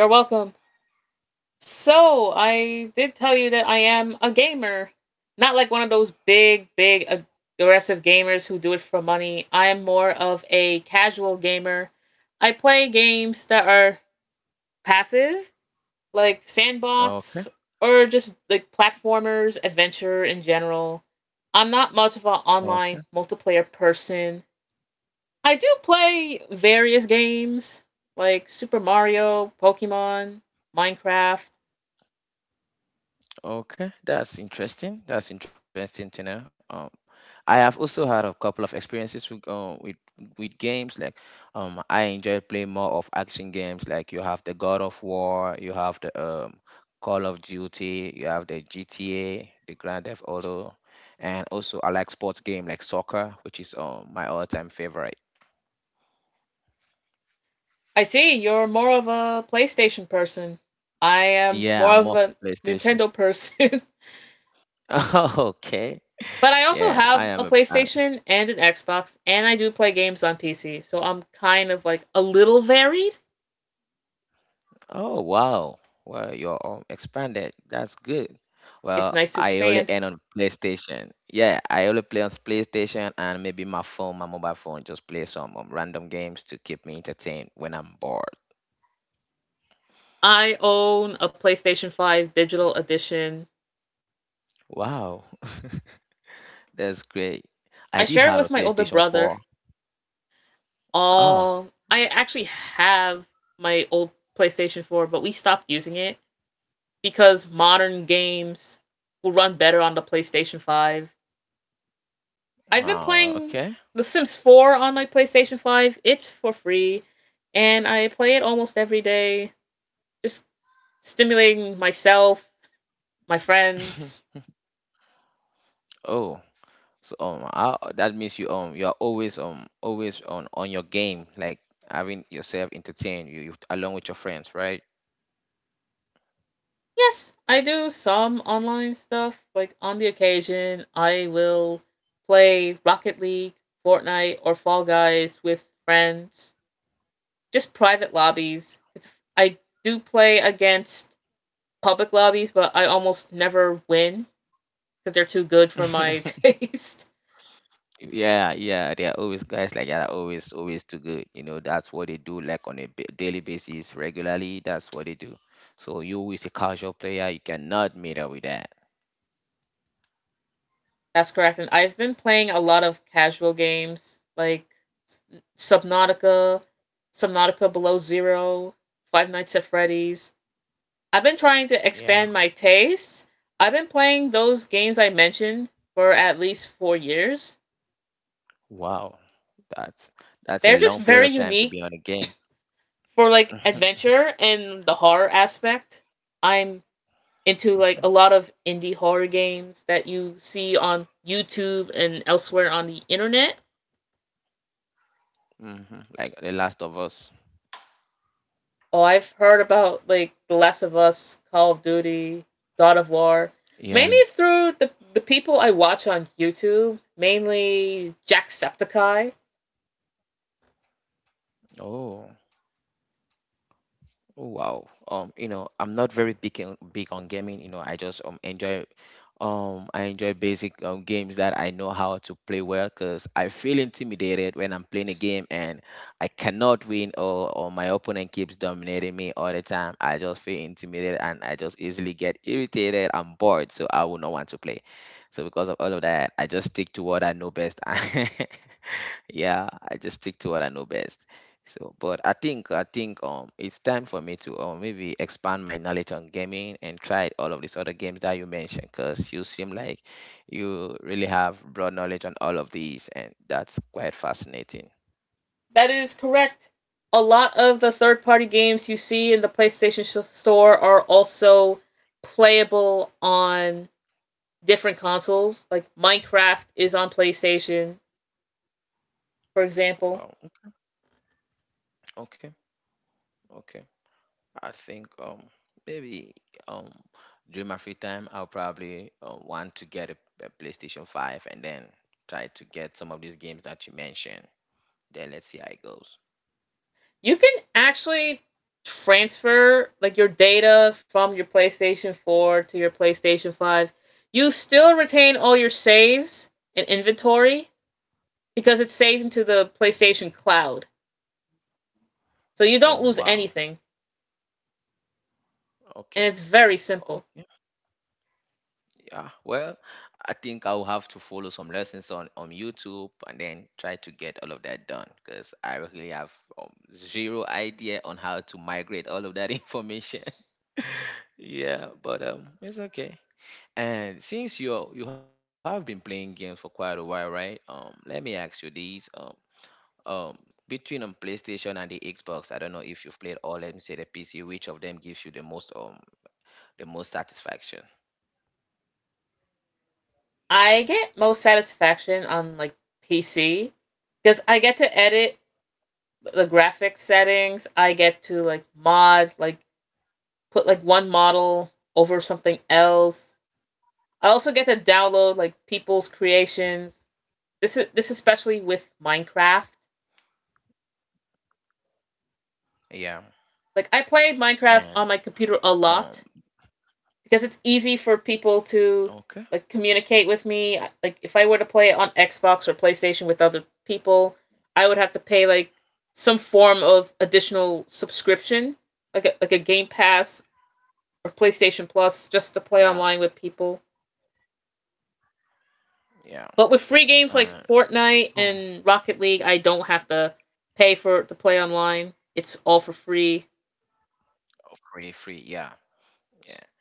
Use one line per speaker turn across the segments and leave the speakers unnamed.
You're welcome. So, I did tell you that I am a gamer. Not like one of those big, big, aggressive gamers who do it for money. I am more of a casual gamer. I play games that are passive, like sandbox, or just like platformers, adventure in general. I'm not much of an online multiplayer person. I do play various games like Super Mario, Pokemon, Minecraft. I see you're more of a PlayStation person. I am more of a Nintendo person. But I also have a PlayStation and an Xbox, and I do play games on PC. So I'm kind of like a little varied. It's nice to expand. I own a PlayStation 5 Digital Edition. I share it with my older brother. All. I actually have my old PlayStation 4, but we stopped using it because modern games will run better on the PlayStation 5. I've been playing The Sims 4 on my PlayStation 5. It's for free, and I play it almost every day, just stimulating myself, my friends. Yes, I do some online stuff. Like on the occasion, I will play Rocket League, Fortnite, or Fall Guys with friends. Just private lobbies. I do play against public lobbies, but I almost never win because they're too good for my taste. That's correct. And I've been playing a lot of casual games like Subnautica, Subnautica Below Zero, Five Nights at Freddy's. I've been trying to expand my tastes. I've been playing those games I mentioned for at least 4 years. They're just very unique for like adventure and the horror aspect. I'm into like a lot of indie horror games that you see on YouTube and elsewhere on the internet. Oh, I've heard about like The Last of Us, Call of Duty, God of War, mainly through the people I watch on YouTube, mainly Jacksepticeye. That is correct. A lot of the third party games you see in the PlayStation Store are also playable on different consoles. Like Minecraft is on PlayStation, for example. You can actually transfer like your data from your PlayStation 4 to your PlayStation 5. You still retain all your saves and inventory because it's saved into the PlayStation cloud. So you don't lose anything and it's very simple. I get most satisfaction on like PC because I get to edit the graphic settings. I get to like mod, like put like one model over something else. I also get to download like people's creations. This is this especially with Minecraft. Like I played Minecraft on my computer a lot because it's easy for people to like communicate with me. Like if I were to play it on Xbox or PlayStation with other people, I would have to pay like some form of additional subscription, like a Game Pass or PlayStation Plus, just to play online with people. But with free games like Fortnite and Rocket League, I don't have to pay for to play online. It's all for free.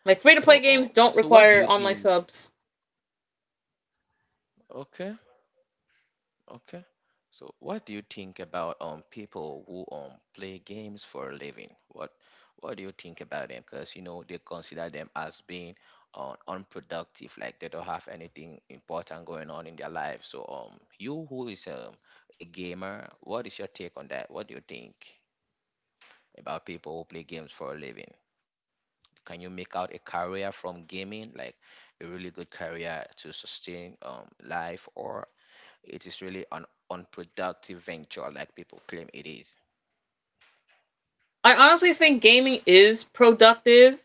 Like free to play games don't require online subs. I honestly think gaming is productive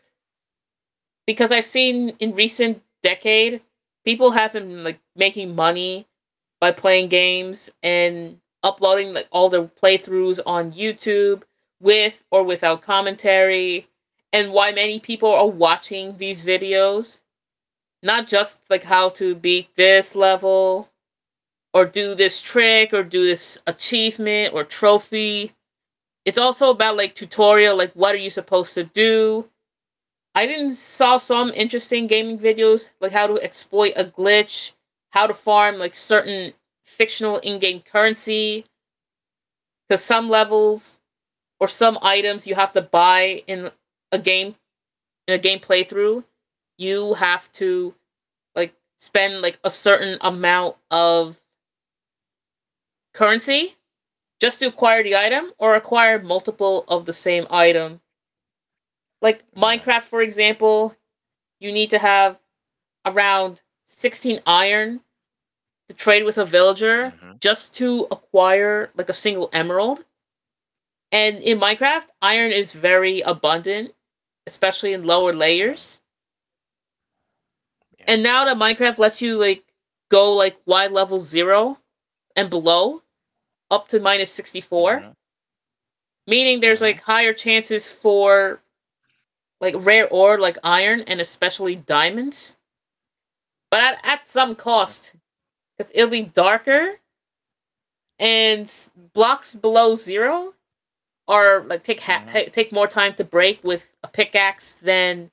because I've seen in recent decade people have been like making money by playing games and uploading like all their playthroughs on YouTube, with or without commentary. And why many people are watching these videos, not just like how to beat this level or do this trick or do this achievement or trophy, it's also about like tutorial, like what are you supposed to do. I even saw some interesting gaming videos, like how to exploit a glitch, how to farm like certain fictional in-game currency. Because some levels or some items you have to buy in a game, playthrough, you have to like spend like a certain amount of currency just to acquire the item or acquire multiple of the same item. Like Minecraft, for example, you need to have around 16 iron to trade with a villager just to acquire like a single emerald. And in Minecraft, iron is very abundant, especially in lower layers. And now that Minecraft lets you like go like Y level 0 and below up to minus 64, meaning there's like higher chances for like rare ore like iron and especially diamonds, but at some cost because it'll be darker and blocks below 0 or like take more time to break with a pickaxe than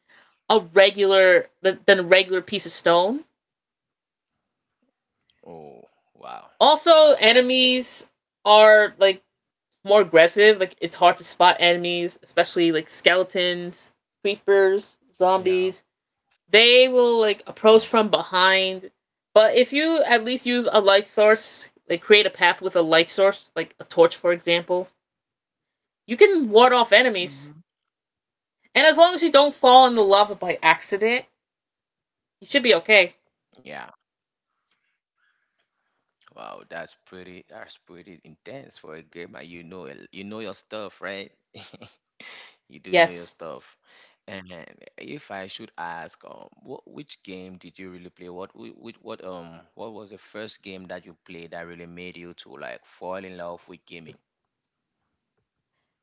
a regular piece of stone. Also, enemies are like more aggressive. Like it's hard to spot enemies, especially like skeletons, creepers, zombies. They will like approach from behind. But if you at least use a light source, like create a path with a light source, like a torch for example, you can ward off enemies. And as long as you don't fall in the lava by accident, you should be okay. Yes.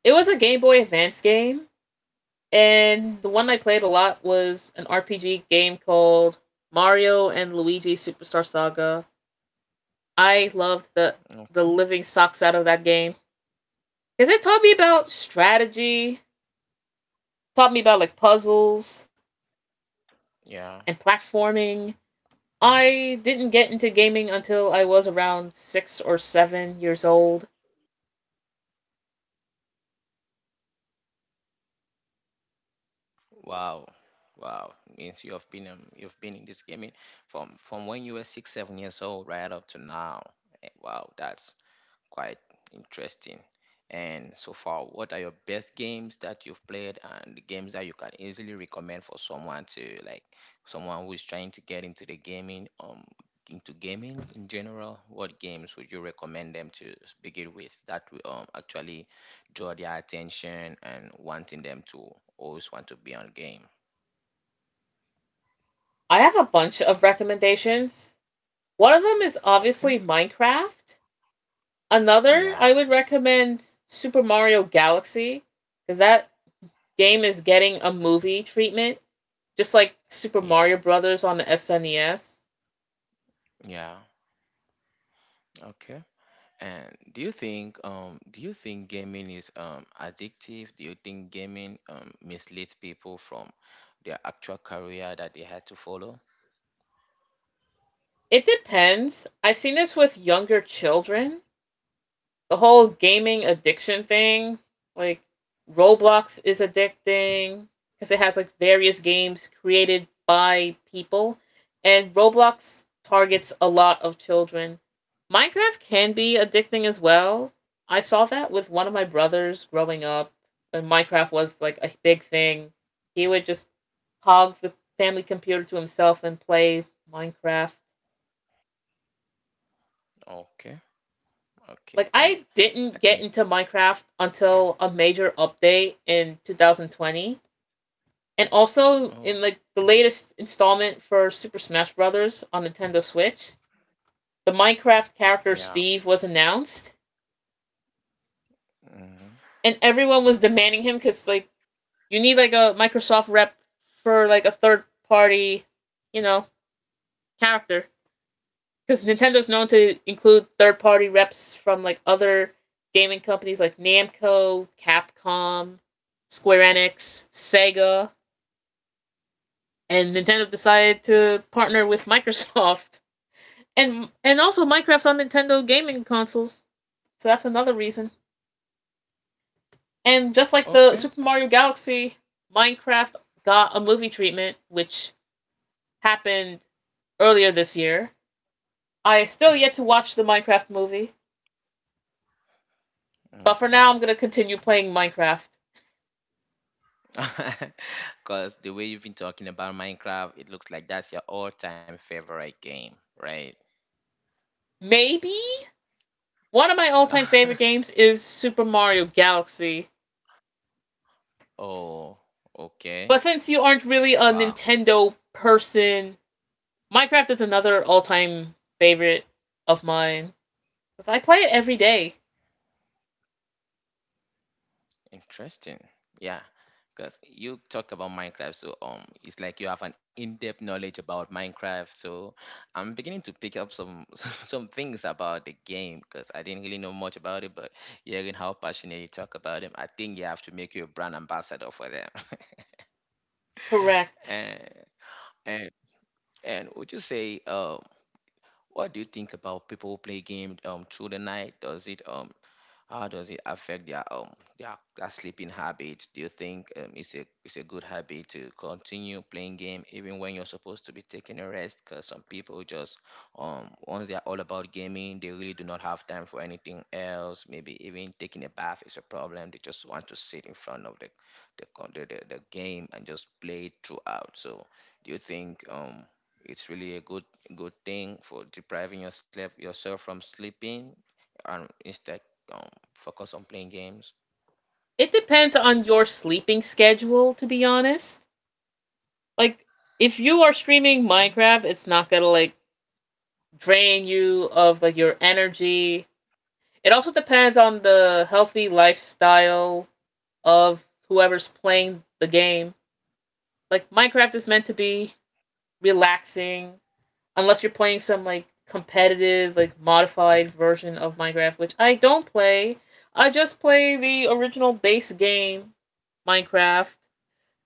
It was a Game Boy Advance game, and the one I played a lot was an RPG game called Mario and Luigi Superstar Saga. I loved the living socks out of that game because it taught me about strategy, taught me about like puzzles and platforming. I didn't get into gaming until I was around 6 or 7 years old. I have a bunch of recommendations. One of them is obviously Minecraft. Another, I would recommend Super Mario Galaxy because that game is getting a movie treatment, just like Super Mario Brothers on the SNES. It depends. I've seen this with younger children the whole gaming addiction thing, like Roblox is addicting because it has like various games created by people, and Roblox targets a lot of children. Minecraft can be addicting as well. I saw that with one of my brothers growing up, and Minecraft was like a big thing. He would just hog the family computer to himself and play Minecraft. Like I didn't get into Minecraft until a major update in 2020. And also in like the latest installment for Super Smash Brothers on Nintendo Switch, the Minecraft character Steve was announced and everyone was demanding him cuz like you need like a Microsoft rep for like a third party, you know, character. Because Nintendo's known to include third party reps from like other gaming companies like Namco, Capcom, Square Enix, Sega, and Nintendo decided to partner with Microsoft. And also Minecraft's on Nintendo gaming consoles. So that's another reason. And just like the Super Mario Galaxy, Minecraft got a movie treatment which happened earlier this year. I still yet to watch the Minecraft movie, but for now I'm going to continue playing Minecraft. Maybe one of my all-time favorite games is Super Mario Galaxy. But since you aren't really a Nintendo person, Minecraft is another all-time favorite of mine cuz I play it every day. Correct. It depends on your sleeping schedule to be honest. Like if you are streaming Minecraft, it's not going to like drain you of like your energy. It also depends on the healthy lifestyle of whoever's playing the game. Like Minecraft is meant to be relaxing, unless you're playing some like competitive, like modified version of Minecraft, which I don't play. I just play the original base game, Minecraft,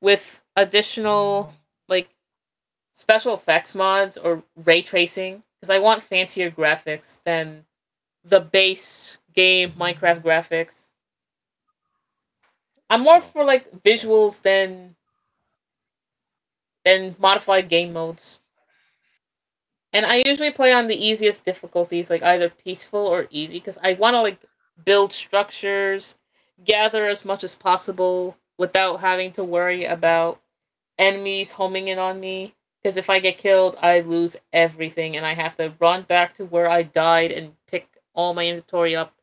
with additional like special effects mods or ray tracing because I want fancier graphics than the base game Minecraft graphics. I'm more for like visuals than modified game modes. And I usually play on the easiest difficulties, like either peaceful or easy, because I want to like build structures, gather as much as possible without having to worry about enemies homing in on me. Because if I get killed, I lose everything, and I have to run back to where I died and pick all my inventory up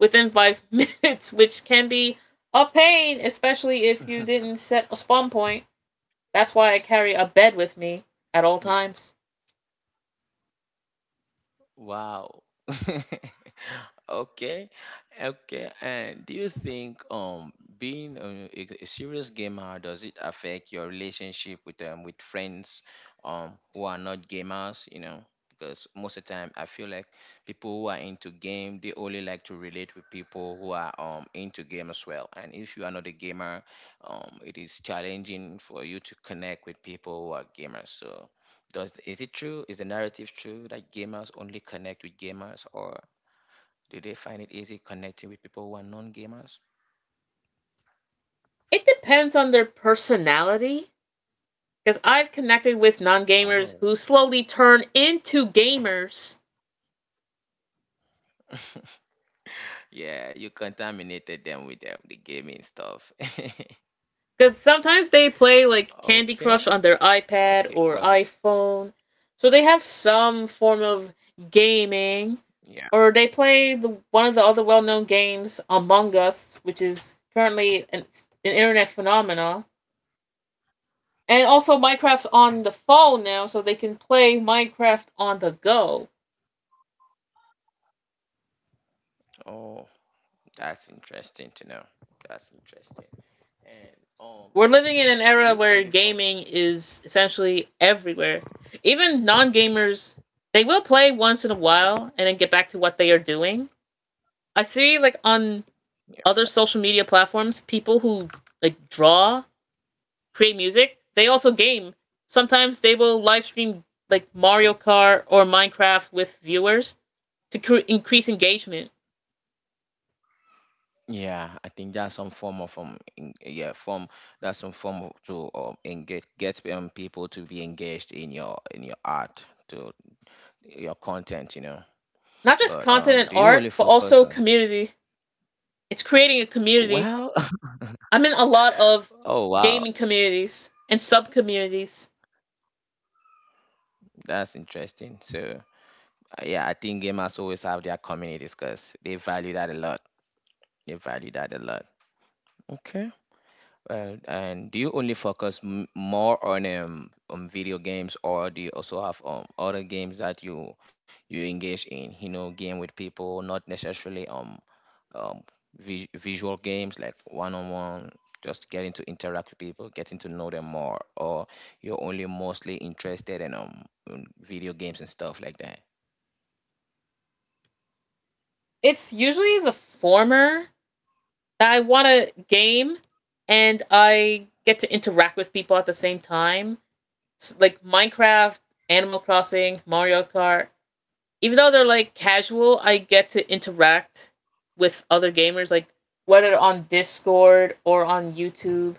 within five minutes, which can be a pain, especially if you didn't set a spawn point. That's why I carry a bed with me at all times. It depends on their personality. Because I've connected with non gamers who slowly turn into gamers. Because sometimes they play like Candy Crush on their iPad or iPhone. So they have some form of gaming. Or they play one of the other well known games, Among Us, which is currently an internet phenomenon. And also, Minecraft's on the phone now, so they can play Minecraft on the go. We're living in an era where gaming is essentially everywhere. Even non gamers, they will play once in a while and then get back to what they are doing. I see, like, on other social media platforms, people who, like, draw, create music, they also game. Sometimes they will live stream, like, Mario Kart or Minecraft with viewers to increase engagement. Not just content and art, but also community. It's creating a community. I'm in a lot of gaming communities and sub communities. It's usually the former that I want to game and I get to interact with people at the same time. Like Minecraft, Animal Crossing, Mario Kart. Even though they're like casual, I get to interact with other gamers, like whether on Discord or on YouTube.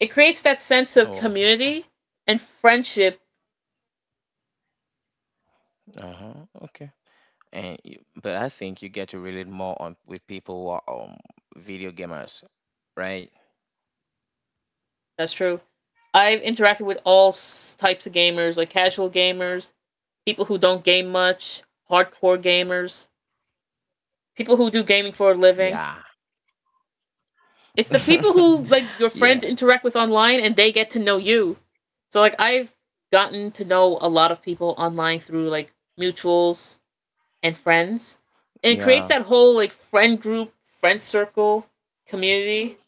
It creates that sense of community and friendship. That's true. I've interacted with all types of gamers, like casual gamers, people who don't game much, hardcore gamers, people who do gaming for a living. It's the people who like your friends interact with online and they get to know you. So like I've gotten to know a lot of people online through like mutuals and friends. And it creates that whole like friend group, friend circle, community.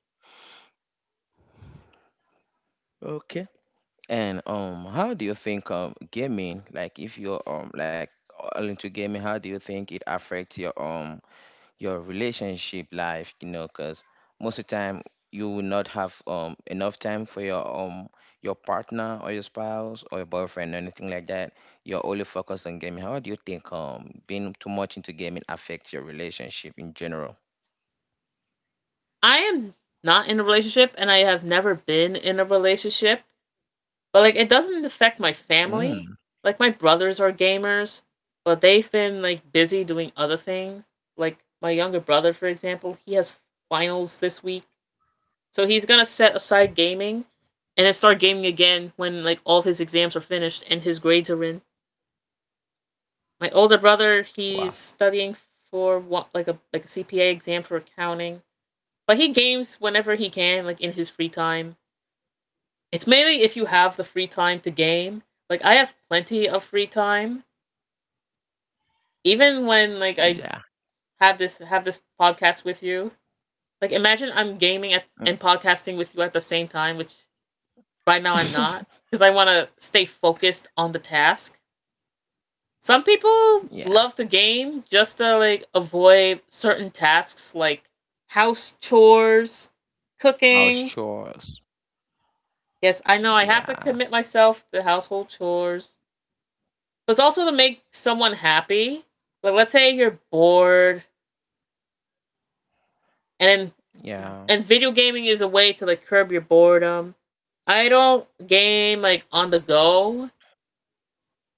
I am not in a relationship and I have never been in a relationship. But like it doesn't affect my family. Like my brothers are gamers, but they've been like busy doing other things. Like my younger brother, for example, he has finals this week. So he's gonna set aside gaming and then start gaming again when like all of his exams are finished and his grades are in. My older brother, he's studying for what like a CPA exam for accounting. But he games whenever he can, like in his free time. It's mainly if you have the free time to game. Like I have plenty of free time. Even when like I have this podcast with you. Like imagine I'm gaming at, and podcasting with you at the same time, which right now I'm not because I want to stay focused on the task. Some people love the game just to like avoid certain tasks like house chores, cooking. Yes, I know I have to commit myself to household chores. It's also to make someone happy. Like let's say you're bored and and video gaming is a way to like curb your boredom. I don't game like on the go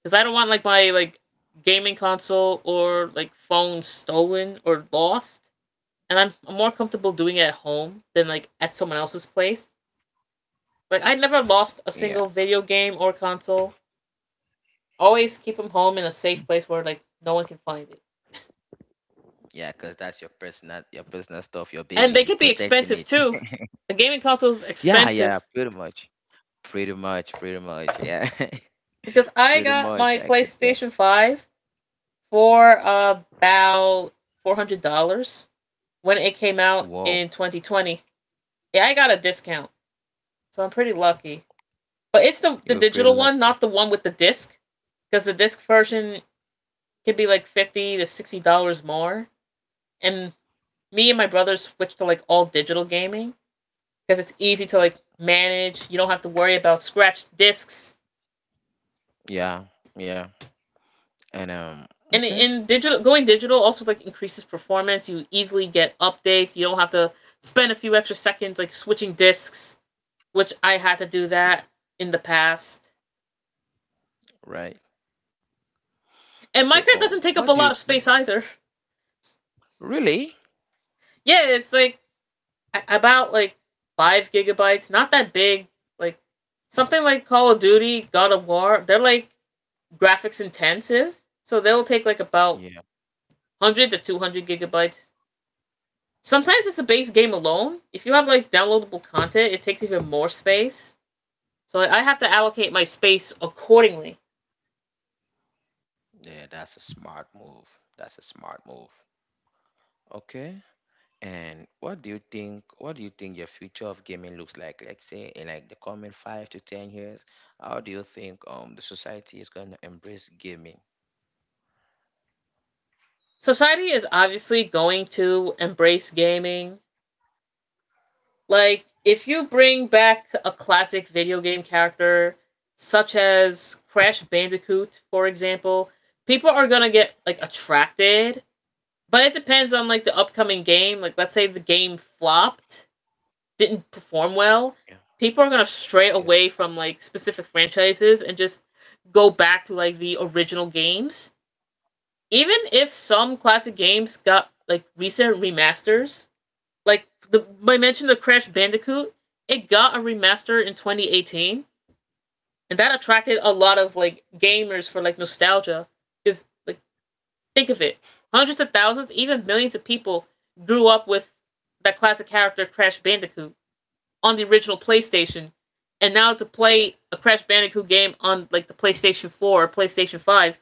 cuz I don't want like my gaming console or like phone stolen or lost. And I'm more comfortable doing it at home than like at someone else's place. But I never lost a single video game or console. Always keep them home in a safe place where like no one can find it. And they could be expensive too. The gaming console's expensive because I got my PlayStation Five for about $400 when it came out in 2020. Yeah, I got a discount, so I'm pretty lucky. But it's the digital one, not the one with the disc, because the disc version could be like $50 to $60 more. And me and my brother switched to like all digital gaming because it's easy to like manage. You don't have to worry about scratched discs, and in digital, going digital also like increases performance. You easily get updates. You don't have to spend a few extra seconds like switching disks, which I had to do that in the past. And Minecraft doesn't take up a lot of space either. Yeah, it's like about like 5 GB, not that big. Like something like Call of Duty, God of War, they're like graphics intensive, so they'll take like about 100 to 200 gigabytes. Sometimes it's a base game alone. If you have like downloadable content, it takes even more space. So I have to allocate my space accordingly. Society is obviously going to embrace gaming. Like, if you bring back a classic video game character, such as Crash Bandicoot, for example, people are gonna get like attracted. But it depends on like the upcoming game. Like, let's say the game flopped, didn't perform well, people are gonna stray away from like specific franchises and just go back to like the original games. Even if some classic games got like recent remasters, like the I mentioned the Crash Bandicoot, it got a remaster in 2018, and that attracted a lot of like gamers for like nostalgia. Cause like think of it, hundreds of thousands, even millions of people grew up with that classic character Crash Bandicoot on the original PlayStation, and now to play a Crash Bandicoot game on like the PlayStation 4 or PlayStation 5,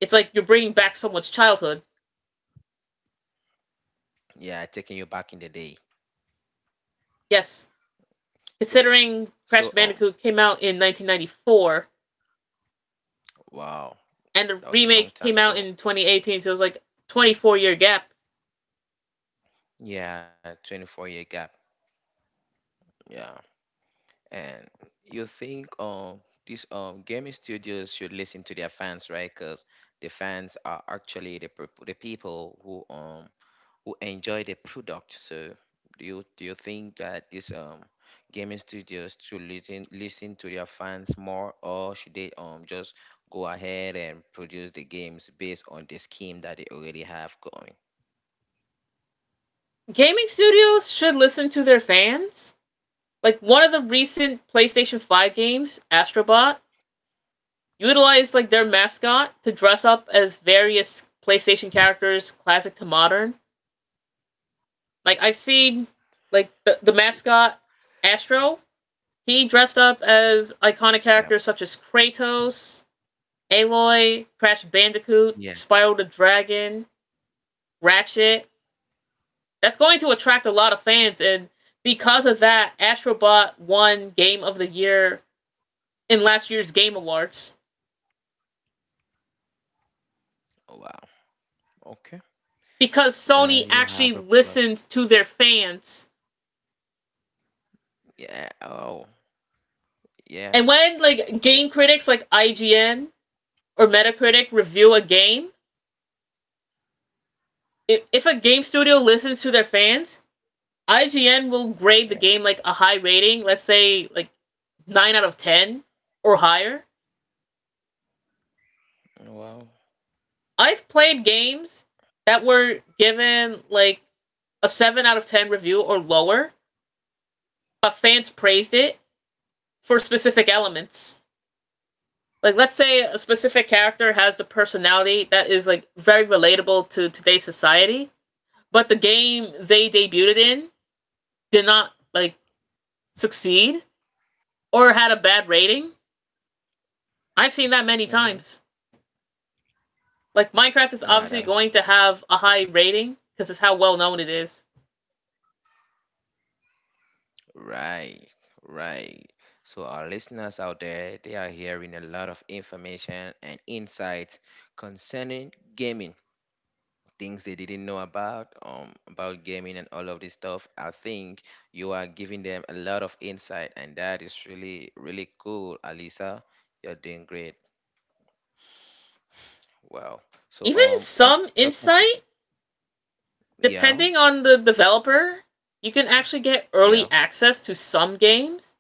it's like you're bringing back someone's childhood. Yes, considering Crash Bandicoot came out in 1994 and the remake came out in 2018, so it was like a 24-year gap. Gaming studios should listen to their fans. Like one of the recent PlayStation 5 games, Astro Bot, utilized like their mascot to dress up as various PlayStation characters, classic to modern. Like I've seen like the mascot Astro. He dressed up as iconic characters such as Kratos, Aloy, Crash Bandicoot, Spiral the Dragon, Ratchet. That's going to attract a lot of fans, and because of that, Astro Bot won Game of the Year in last year's Game Awards because Sony actually listened to their fans. And when like game critics like IGN or Metacritic review a game, if a game studio listens to their fans, IGN will grade the game like a high rating, let's say like 9 out of 10 or higher. I've played games that were given like a 7 out of 10 review or lower, but fans praised it for specific elements. Like let's say a specific character has the personality that is like very relatable to today's society, but the game they debuted in did not like succeed or had a bad rating. I've seen that many times. Like Minecraft is obviously going to have a high rating because of how well known it is. Even some insight, depending on the developer, you can actually get early access to some games.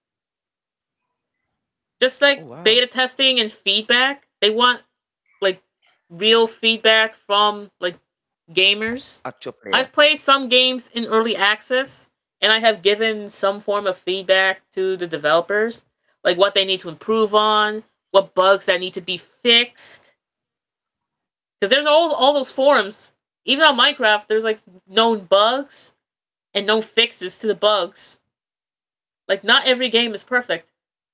Just like beta testing and feedback, they want like real feedback from like gamers. I've played some games in early access and I have given some form of feedback to the developers, like what they need to improve on, what bugs that need to be fixed. Because there's all those forums, even on Minecraft, there's like known bugs and known fixes to the bugs. Like, not every game is perfect.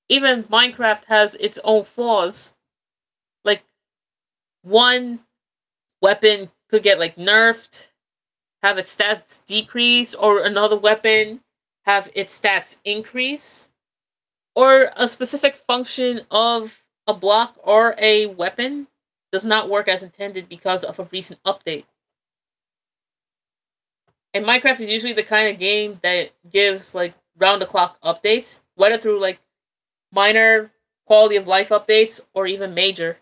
Even Minecraft has its own flaws. Like, one weapon could get like nerfed, have its stats decrease, or another weapon have its stats increase, or a specific function of a block or a weapon does not work as intended because of a recent update. And Minecraft is usually the kind of game that gives like round the clock updates, whether through like minor quality of life updates or even major.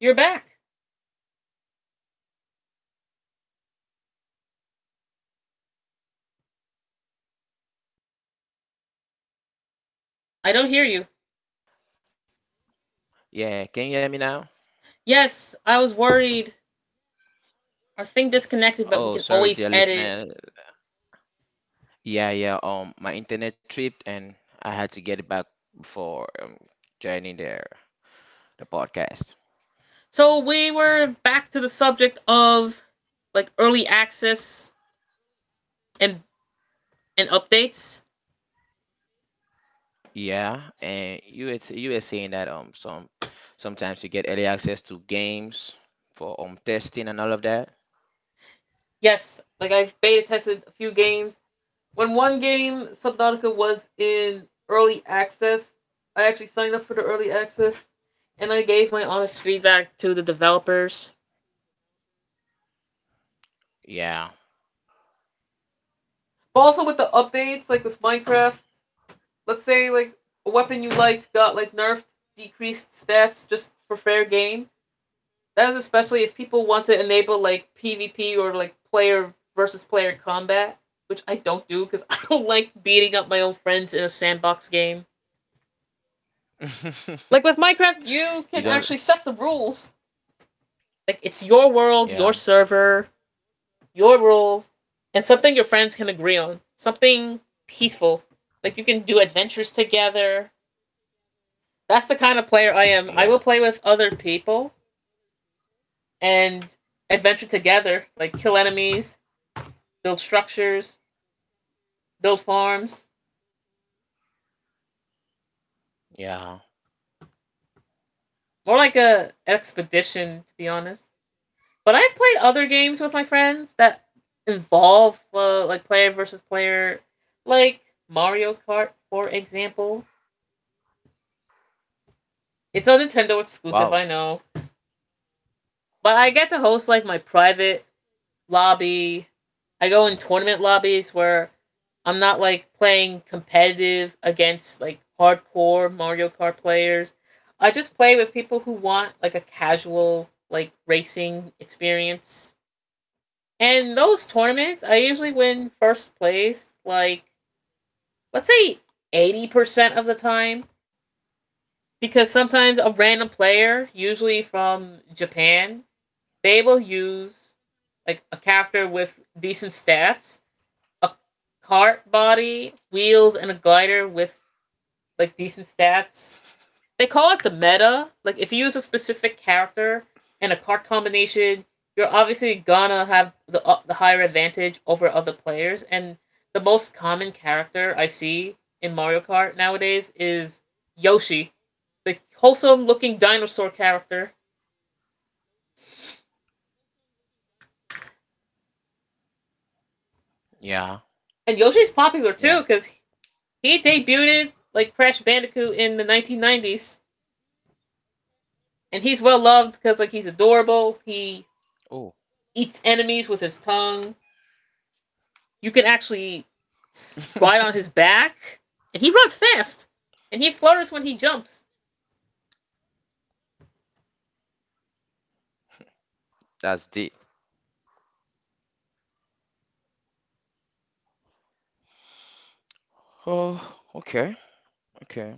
You're back.
I'm
I don't hear
sorry.
you.
Yeah, can you hear me now?
Yes, I was worried. Our thing disconnected, but we
Oh,
can
sorry,
always
dear
edit.
listener. Yeah, yeah. My internet tripped and I had to get it back before joining the podcast.
So we were back to the subject of like early access and and updates.
Yeah, and you were saying that sometimes you get early access to games for testing and all of that.
Yes, like I've beta tested a few games. When one game Subnautica was in early access, I actually signed up for the early access and I gave my honest feedback to the developers.
Yeah.
But also with the updates, like with Minecraft, let's say like a weapon you liked got like nerfed, decreased stats just for fair game. That's especially if people want to enable like PvP or like player versus player combat, which I don't do because I don't like beating up my own friends in a sandbox game. Like with Minecraft, you can
You don't.
actually set the rules. Like it's your world, your
Yeah,
server, your rules, and something your friends can agree on. Something peaceful. Like you can do adventures together. That's the kind of player I am. I will
yeah,
play with other people and adventure together, like kill enemies, build structures, build farms.
yeah.
More like a expedition, to be honest. But I've played other games with my friends that involve like player versus player, like Mario Kart, for example. It's a Nintendo exclusive,
Wow.
I know, but I get to host like my private lobby. I go in tournament lobbies where I'm not like playing competitive against like hardcore Mario Kart players. I just play with people who want like a casual like racing experience. And those tournaments, I usually win first place like let's say 80% of the time because sometimes a random player, usually from Japan, they will use like a character with decent stats, a cart body, wheels, and a glider with like decent stats. They call it the meta. Like if you use a specific character and a cart combination, you're obviously gonna have the higher advantage over other players. And the most common character I see in Mario Kart nowadays is Yoshi, the wholesome looking dinosaur character.
Yeah, yeah.
And Yoshi's popular too because he debuted like Crash Bandicoot in the 1990s. And he's well loved because like he's adorable.
Oh,
He eats enemies with his tongue. You can actually ride on his back, and he runs fast, and he flutters when he jumps.
that's deep. Oh, okay, okay.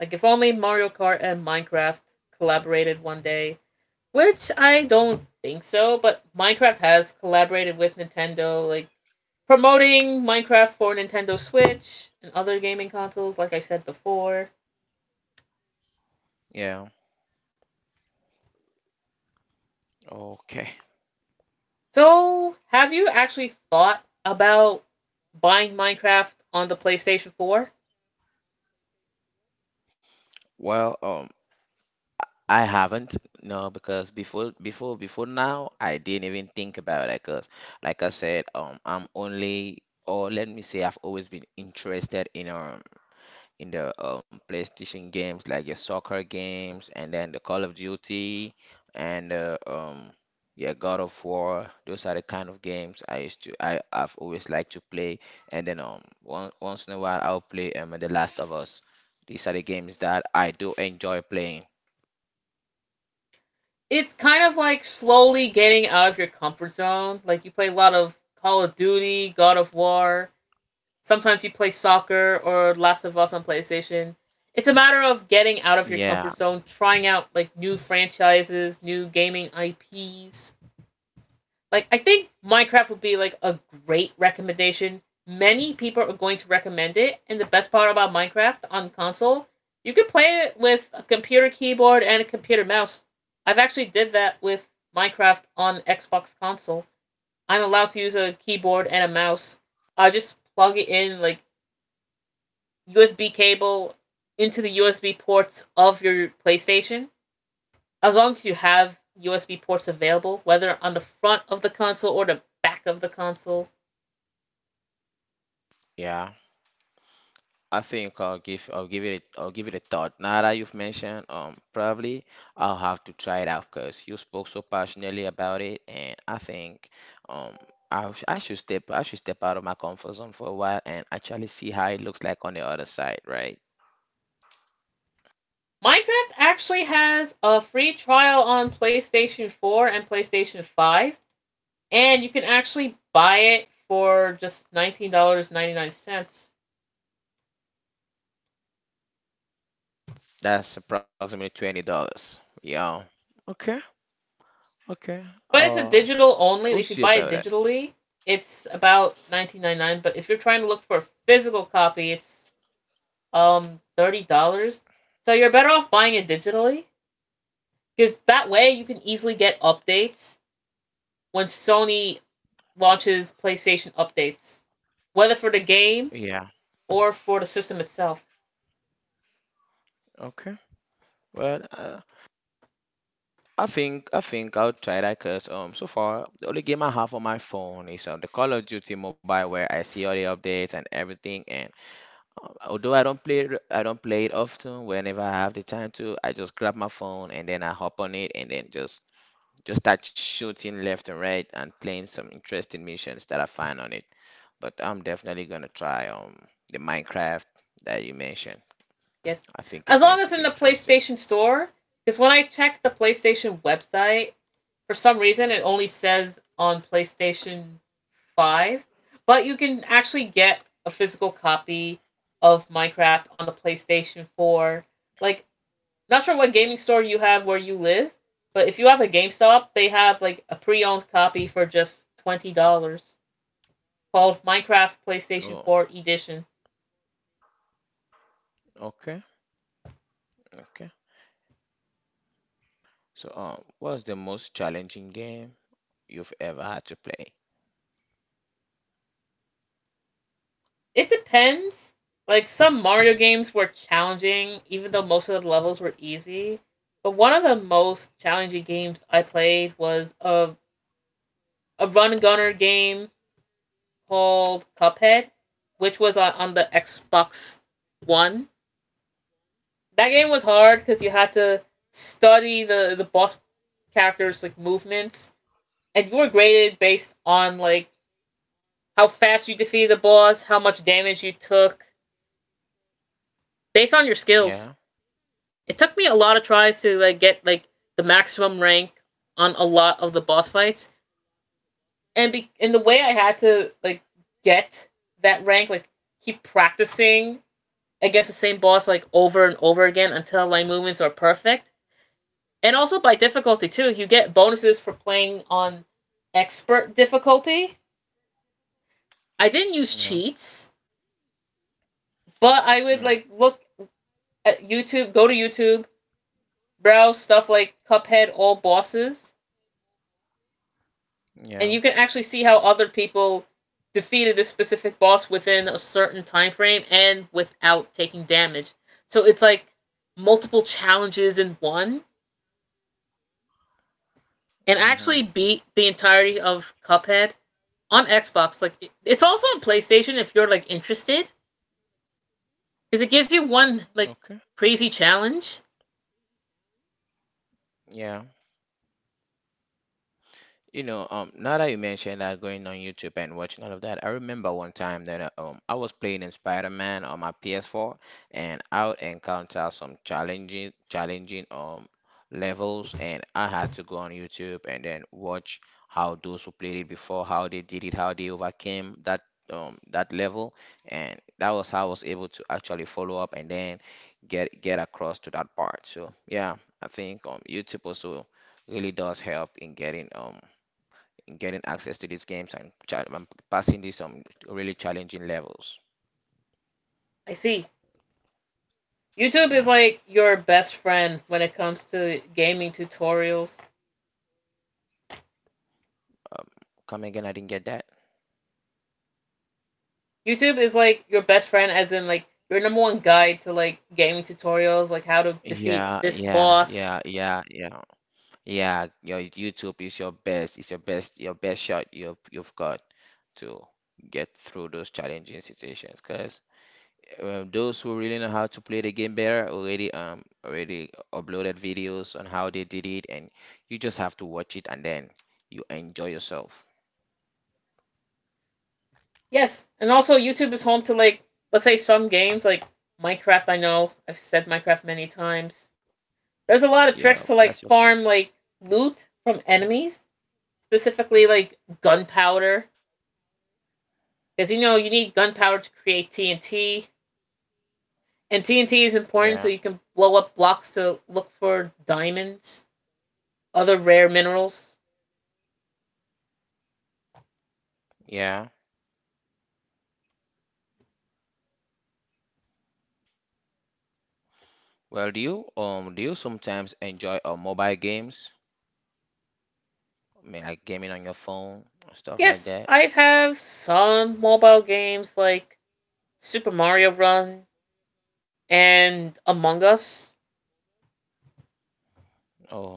Like if only Mario Kart and Minecraft collaborated one day, which I don't think so, but Minecraft has collaborated with Nintendo, like promoting Minecraft for Nintendo Switch and other gaming consoles, like I said before.
Yeah. Okay.
So, have you actually thought about buying Minecraft on the PlayStation 4?
Well, um, I haven't, no, because before now I didn't even think about it 'cause like I said, I'm only, or let me say I've always been interested in the PlayStation games like your soccer games and then the Call of Duty and yeah, God of War. Those are the kind of games I have always liked to play. And then once in a while I'll play The Last of Us. These are the games that I do enjoy playing.
It's kind of like slowly getting out of your comfort zone. Like, you play a lot of Call of Duty, God of War. Sometimes you play soccer or Last of Us on PlayStation. It's a matter of getting out of your comfort
Yeah,
zone, trying out like new franchises, new gaming IPs. I think Minecraft would be like a great recommendation. Many people are going to recommend it, and the best part about Minecraft on console, you can play it with a computer keyboard and a computer mouse. I've actually did that with Minecraft on Xbox console. I'm allowed to use a keyboard and a mouse. I just plug it in like USB cable into the USB ports of your PlayStation. As long as you have USB ports available, whether on the front of the console or the back of the console,
yeah. I think I'll give it a thought. Now that you've mentioned, probably I'll have to try it out because you spoke so passionately about it, and I think, um, I should step out of my comfort zone for a while and actually see how it looks like on the other side, right?
Minecraft actually has a free trial on PlayStation 4 and PlayStation 5, and you can actually buy it for just $19.99.
That's approximately $20. Yeah. Okay. Okay.
But it's a
Uh,
digital
we'll
only.
see
If you
about
buy
it.
it digitally, it's about 19.99. But if you're trying to look for a physical copy, it's $30. So you're better off buying it digitally because that way you can easily get updates when Sony launches PlayStation updates, whether for the game
Yeah.
or for the system itself.
Okay. Well, uh, I think I'll try that because so far the only game I have on my phone is the Call of Duty Mobile, where I see all the updates and everything. And although I don't play it often, whenever I have the time to, I just grab my phone and then I hop on it and then just start shooting left and right and playing some interesting missions that I find on it. But I'm definitely gonna try the Minecraft that you mentioned.
Yes.
I think
As
it's
long
going
as
to
in
be
the
interesting.
PlayStation Store, because when I checked the PlayStation website, for some reason it only says on PlayStation 5, but you can actually get a physical copy of Minecraft on the PlayStation 4. Like, not sure what gaming store you have where you live, but if you have a GameStop, they have like a pre owned copy for just $20 called Minecraft PlayStation
Oh,
4 Edition.
okay, okay. So, what's the most challenging game you've ever had to play?
It depends. Like some Mario games were challenging, even though most of the levels were easy. But one of the most challenging games I played was a run and gunner game called Cuphead, which was on, the Xbox One. That game was hard because you had to study the boss characters like movements, and you were graded based on like how fast you defeated the boss, how much damage you took, based on your skills.
Yeah,
It took me a lot of tries to like get like the maximum rank on a lot of the boss fights, and the way I had to like get that rank, like keep practicing against the same boss like over and over again until my movements are perfect. And also by difficulty too, you get bonuses for playing on expert difficulty. I didn't use
yeah,
cheats, but I would
mm,
like look at YouTube, go to YouTube, browse stuff like Cuphead all bosses, and
yeah,
you can actually see how other people defeated this specific boss within a certain time frame and without taking damage. So it's like multiple challenges in one, and I
mm-hmm.
actually beat the entirety of Cuphead on Xbox. Like, it's also on PlayStation if you're like interested, because it gives you one like
Okay,
crazy challenge.
yeah. You know, now that you mentioned that going on YouTube and watching all of that, I remember one time that I was playing in Spider-Man on my PS4, and I would encounter some challenging levels, and I had to go on YouTube and then watch how those who played it before, how they did it, how they overcame that level, and that was how I was able to actually follow up and then get across to that part. So yeah, I think YouTube also really does help in getting getting access to these games, and passing these some really challenging levels.
I see. YouTube is
Yeah.
like your best friend when it comes to gaming tutorials.
Um, Come again, I didn't get that.
YouTube is like your best friend, as in like your number one guide to like gaming tutorials, like how to defeat
Yeah,
this
yeah, yeah,
boss.
yeah, yeah, yeah. Your YouTube is your best. It's your best. Your best shot you've got to get through those challenging situations. Because those who really know how to play the game better already already uploaded videos on how they did it, and you just have to watch it and then you enjoy yourself.
Yes, and also YouTube is home to like let's say some games like Minecraft. I know I've said Minecraft many times. There's a lot of
Yeah,
tricks to like
that's your thing.
farm like loot from enemies, specifically like gunpowder, because you know you need gunpowder to create TNT, and TNT is important so
Yeah.
you can blow up blocks to look for diamonds, other rare minerals.
Yeah. Well, do you sometimes enjoy mobile games? I mean, like gaming on your phone or stuff like
Yes,
that.
I have some mobile games like Super Mario Run and Among Us.
Oh,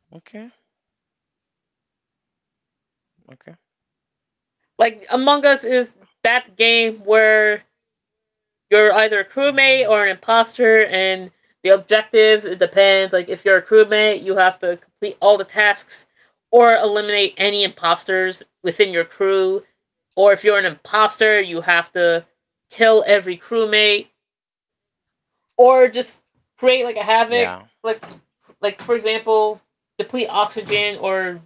okay, okay.
Like, Among Us is that game where you're either a crewmate or an imposter, and the objectives, it depends. Like, if you're a crewmate, you have to complete all the tasks or eliminate any imposters within your crew. Or if you're an imposter, you have to kill every crewmate or just create like
Yeah,
a havoc, like like for example, deplete oxygen or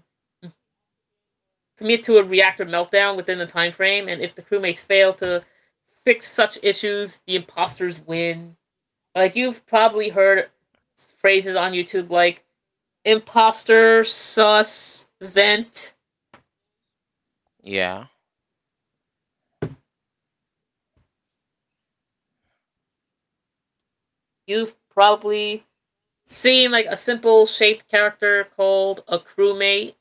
commit to a reactor meltdown within the time frame. And if the crewmates fail to fix such issues, the imposters win. Like you've probably heard phrases on YouTube like imposter, sus, vent.
yeah,
You've probably seen like a simple shaped character called a crewmate.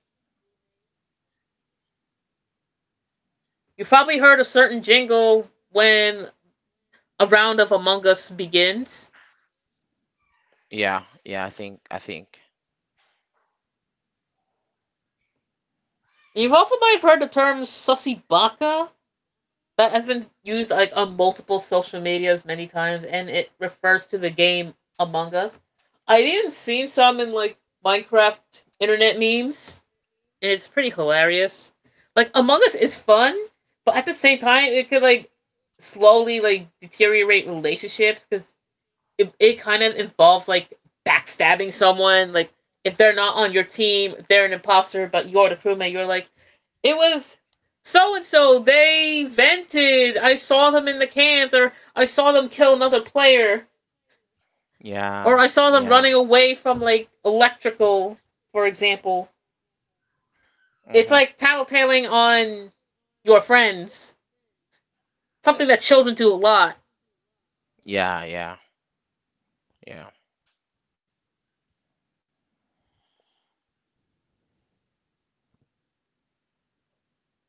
You've probably heard a certain jingle when a round of Among Us begins.
yeah, yeah. I think.
You've also might have heard the term sussy baka. That has been used like on multiple social medias many times, and it refers to the game Among Us. I've even seen some in like Minecraft internet memes, and it's pretty hilarious. Like Among Us is fun, but at the same time, it could like slowly like deteriorate relationships because it kind of involves like backstabbing someone, like if they're not on your team, if they're an imposter but you're the crewmate, you're like, it was so and so, they vented, I saw them in the cans, or I saw them kill another player, or
Yeah,
I saw them
yeah.
running away from like electrical, for example. It's
Mm-hmm.
like tattletaling on your friends, something that children do a lot.
Yeah, yeah, yeah.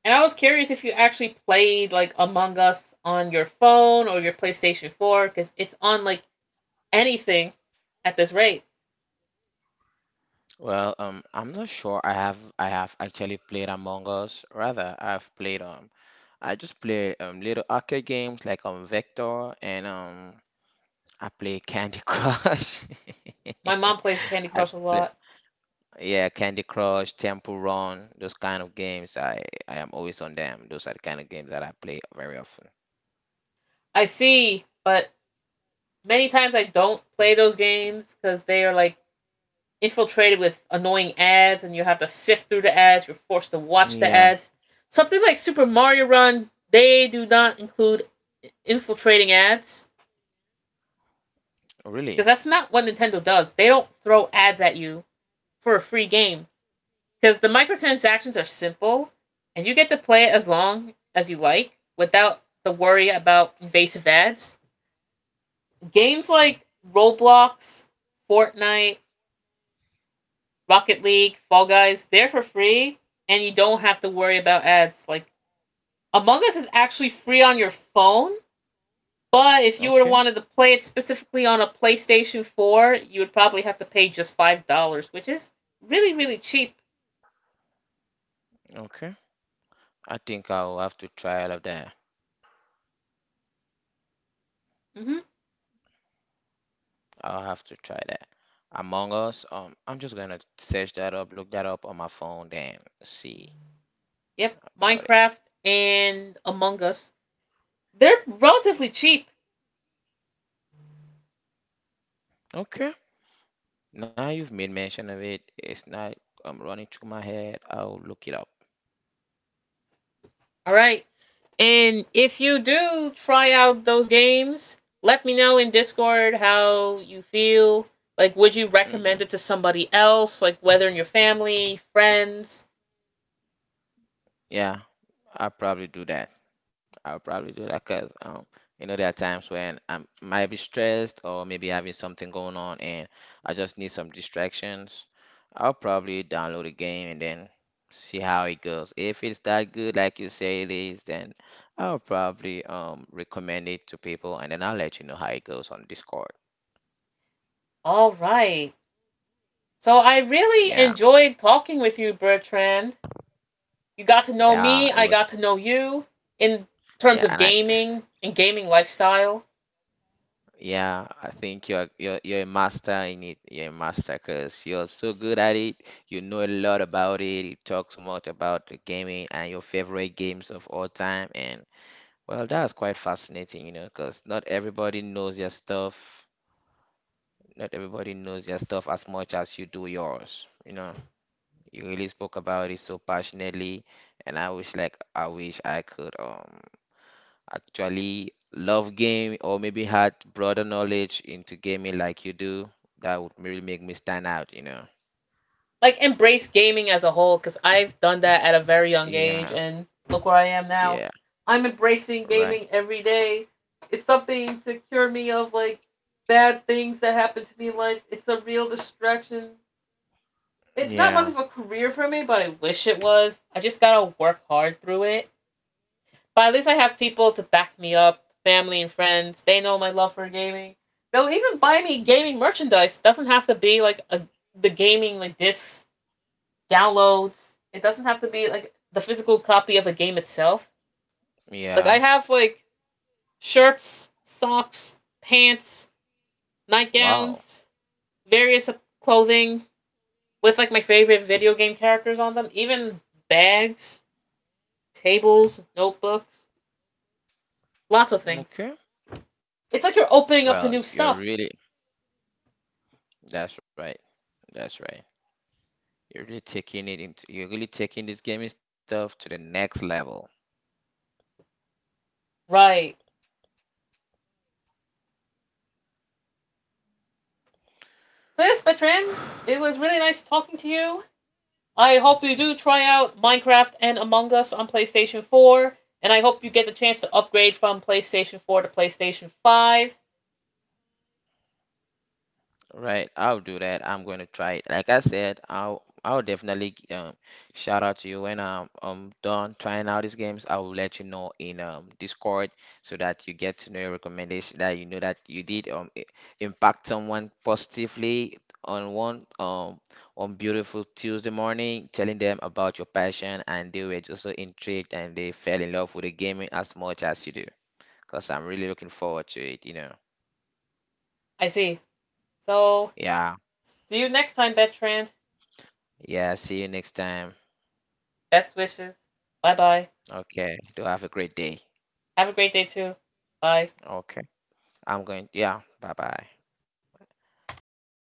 And I was curious if you actually played like Among Us on your phone or your PlayStation 4 because it's on like anything at this rate.
I'm not sure. I have actually played Among Us. Rather, I've played I just play little arcade games like Vector, and I play Candy Crush.
My mom plays Candy
I
Crush a
play.
lot.
Yeah, Candy Crush, Temple Run, those kind of games. I am always on them. Those are the kind of games that I play very often.
I see, but many times I don't play those games because they are like infiltrated with annoying ads and you have to sift through the ads. You're forced to watch the
Yeah,
ads. Something like Super Mario Run, they do not include infiltrating ads
oh,
because
really?
that's not what Nintendo does. They don't throw ads at you for a free game. Because the microtransactions are simple and you get to play it as long as you like without the worry about invasive ads. Games like Roblox, Fortnite, Rocket League, Fall Guys, they're for free and you don't have to worry about ads. Like Among Us is actually free on your phone, but if you were to
Okay,
wanted to play it specifically on a PlayStation 4, you would probably have to pay just $5, which is really really cheap.
okay. I think I'll have to try all of that.
Mhm.
I'll have to try that. Among Us, I'm just gonna search that up, look that up on my phone, then see
Yep,
about it.
Minecraft and Among Us, they're relatively cheap.
Okay. Now you've made mention of it. It's not running through my head. I'll look it up.
All right. And if you do try out those games, let me know in Discord how you feel. Like, would you recommend it
Mm,
to somebody else? Like, whether in your family, friends?
yeah, I'll probably do that. I'll probably do that because you know, there are times when I might be stressed or maybe having something going on, and I just need some distractions. I'll probably download a game and then see how it goes. If it's that good, like you say it is, then I'll probably recommend it to people, and then I'll let you know how it goes on Discord.
All right. So, I really
Yeah,
enjoyed talking with you, Bertrand. You got to know
yeah,
me,
it
I got
was.
to know you in terms
Yeah,
of
and I
gaming and gaming lifestyle.
Yeah, I think you're a master in it. You're a master because you're so good at it. You know a lot about it. You talk so much about the gaming and your favorite games of all time. And well, that's quite fascinating, you know, because not everybody knows your stuff. Not everybody knows your stuff as much as you do yours. You know, you really spoke about it so passionately, and I wish I could actually love game, or maybe had broader knowledge into gaming like you do. That would really make me stand out, you know.
Like embrace gaming as a whole because I've done that at a very young age
Yeah,
and look where I am now.
yeah,
I'm embracing gaming
right.
every day. It's something to cure me of like bad things that happen to me in life. It's a real distraction. It's not much of a
Yeah,
career for me, but I wish it was. I just gotta work hard through it. But at least I have people to back me up, family and friends. They know my love for gaming. They'll even buy me
yeah,
gaming merchandise. Doesn't have to be like a the gaming like discs downloads. It doesn't have to be like the physical copy of a game itself. Like I
yeah.
have like shirts, socks, pants,
Wow.
nightgowns, various clothing with like my favorite video game characters on them, even bags, tables, notebooks, lots of things.
Okay.
It's like you're opening up
Well,
to new
you're
stuff.
really, that's right. That's right. You're really taking this gaming stuff to the next level.
Right. So yes, Betran, it was really nice talking to you. I hope you do try out Minecraft and Among Us on PlayStation 4, and I hope you get the chance to upgrade from PlayStation 4 to PlayStation 5.
Right, I'll do that. I'm going to try it. Like I said, I'll definitely shout out to you when I'm done trying out these games. I will let you know in Discord, so that you get to know your recommendation, that you know that you did impact someone positively on one on beautiful Tuesday morning, telling them about your passion, and they were just so intrigued and they fell in love with the gaming as much as you do. Because I'm really looking forward to it, you know.
I see. So,
Yeah.
see you next time, Betran.
Yeah, see you next time.
Best wishes. Bye bye.
Okay. Do have a great day.
Have a great day, too. Bye.
Okay. I'm going. Yeah. Bye bye.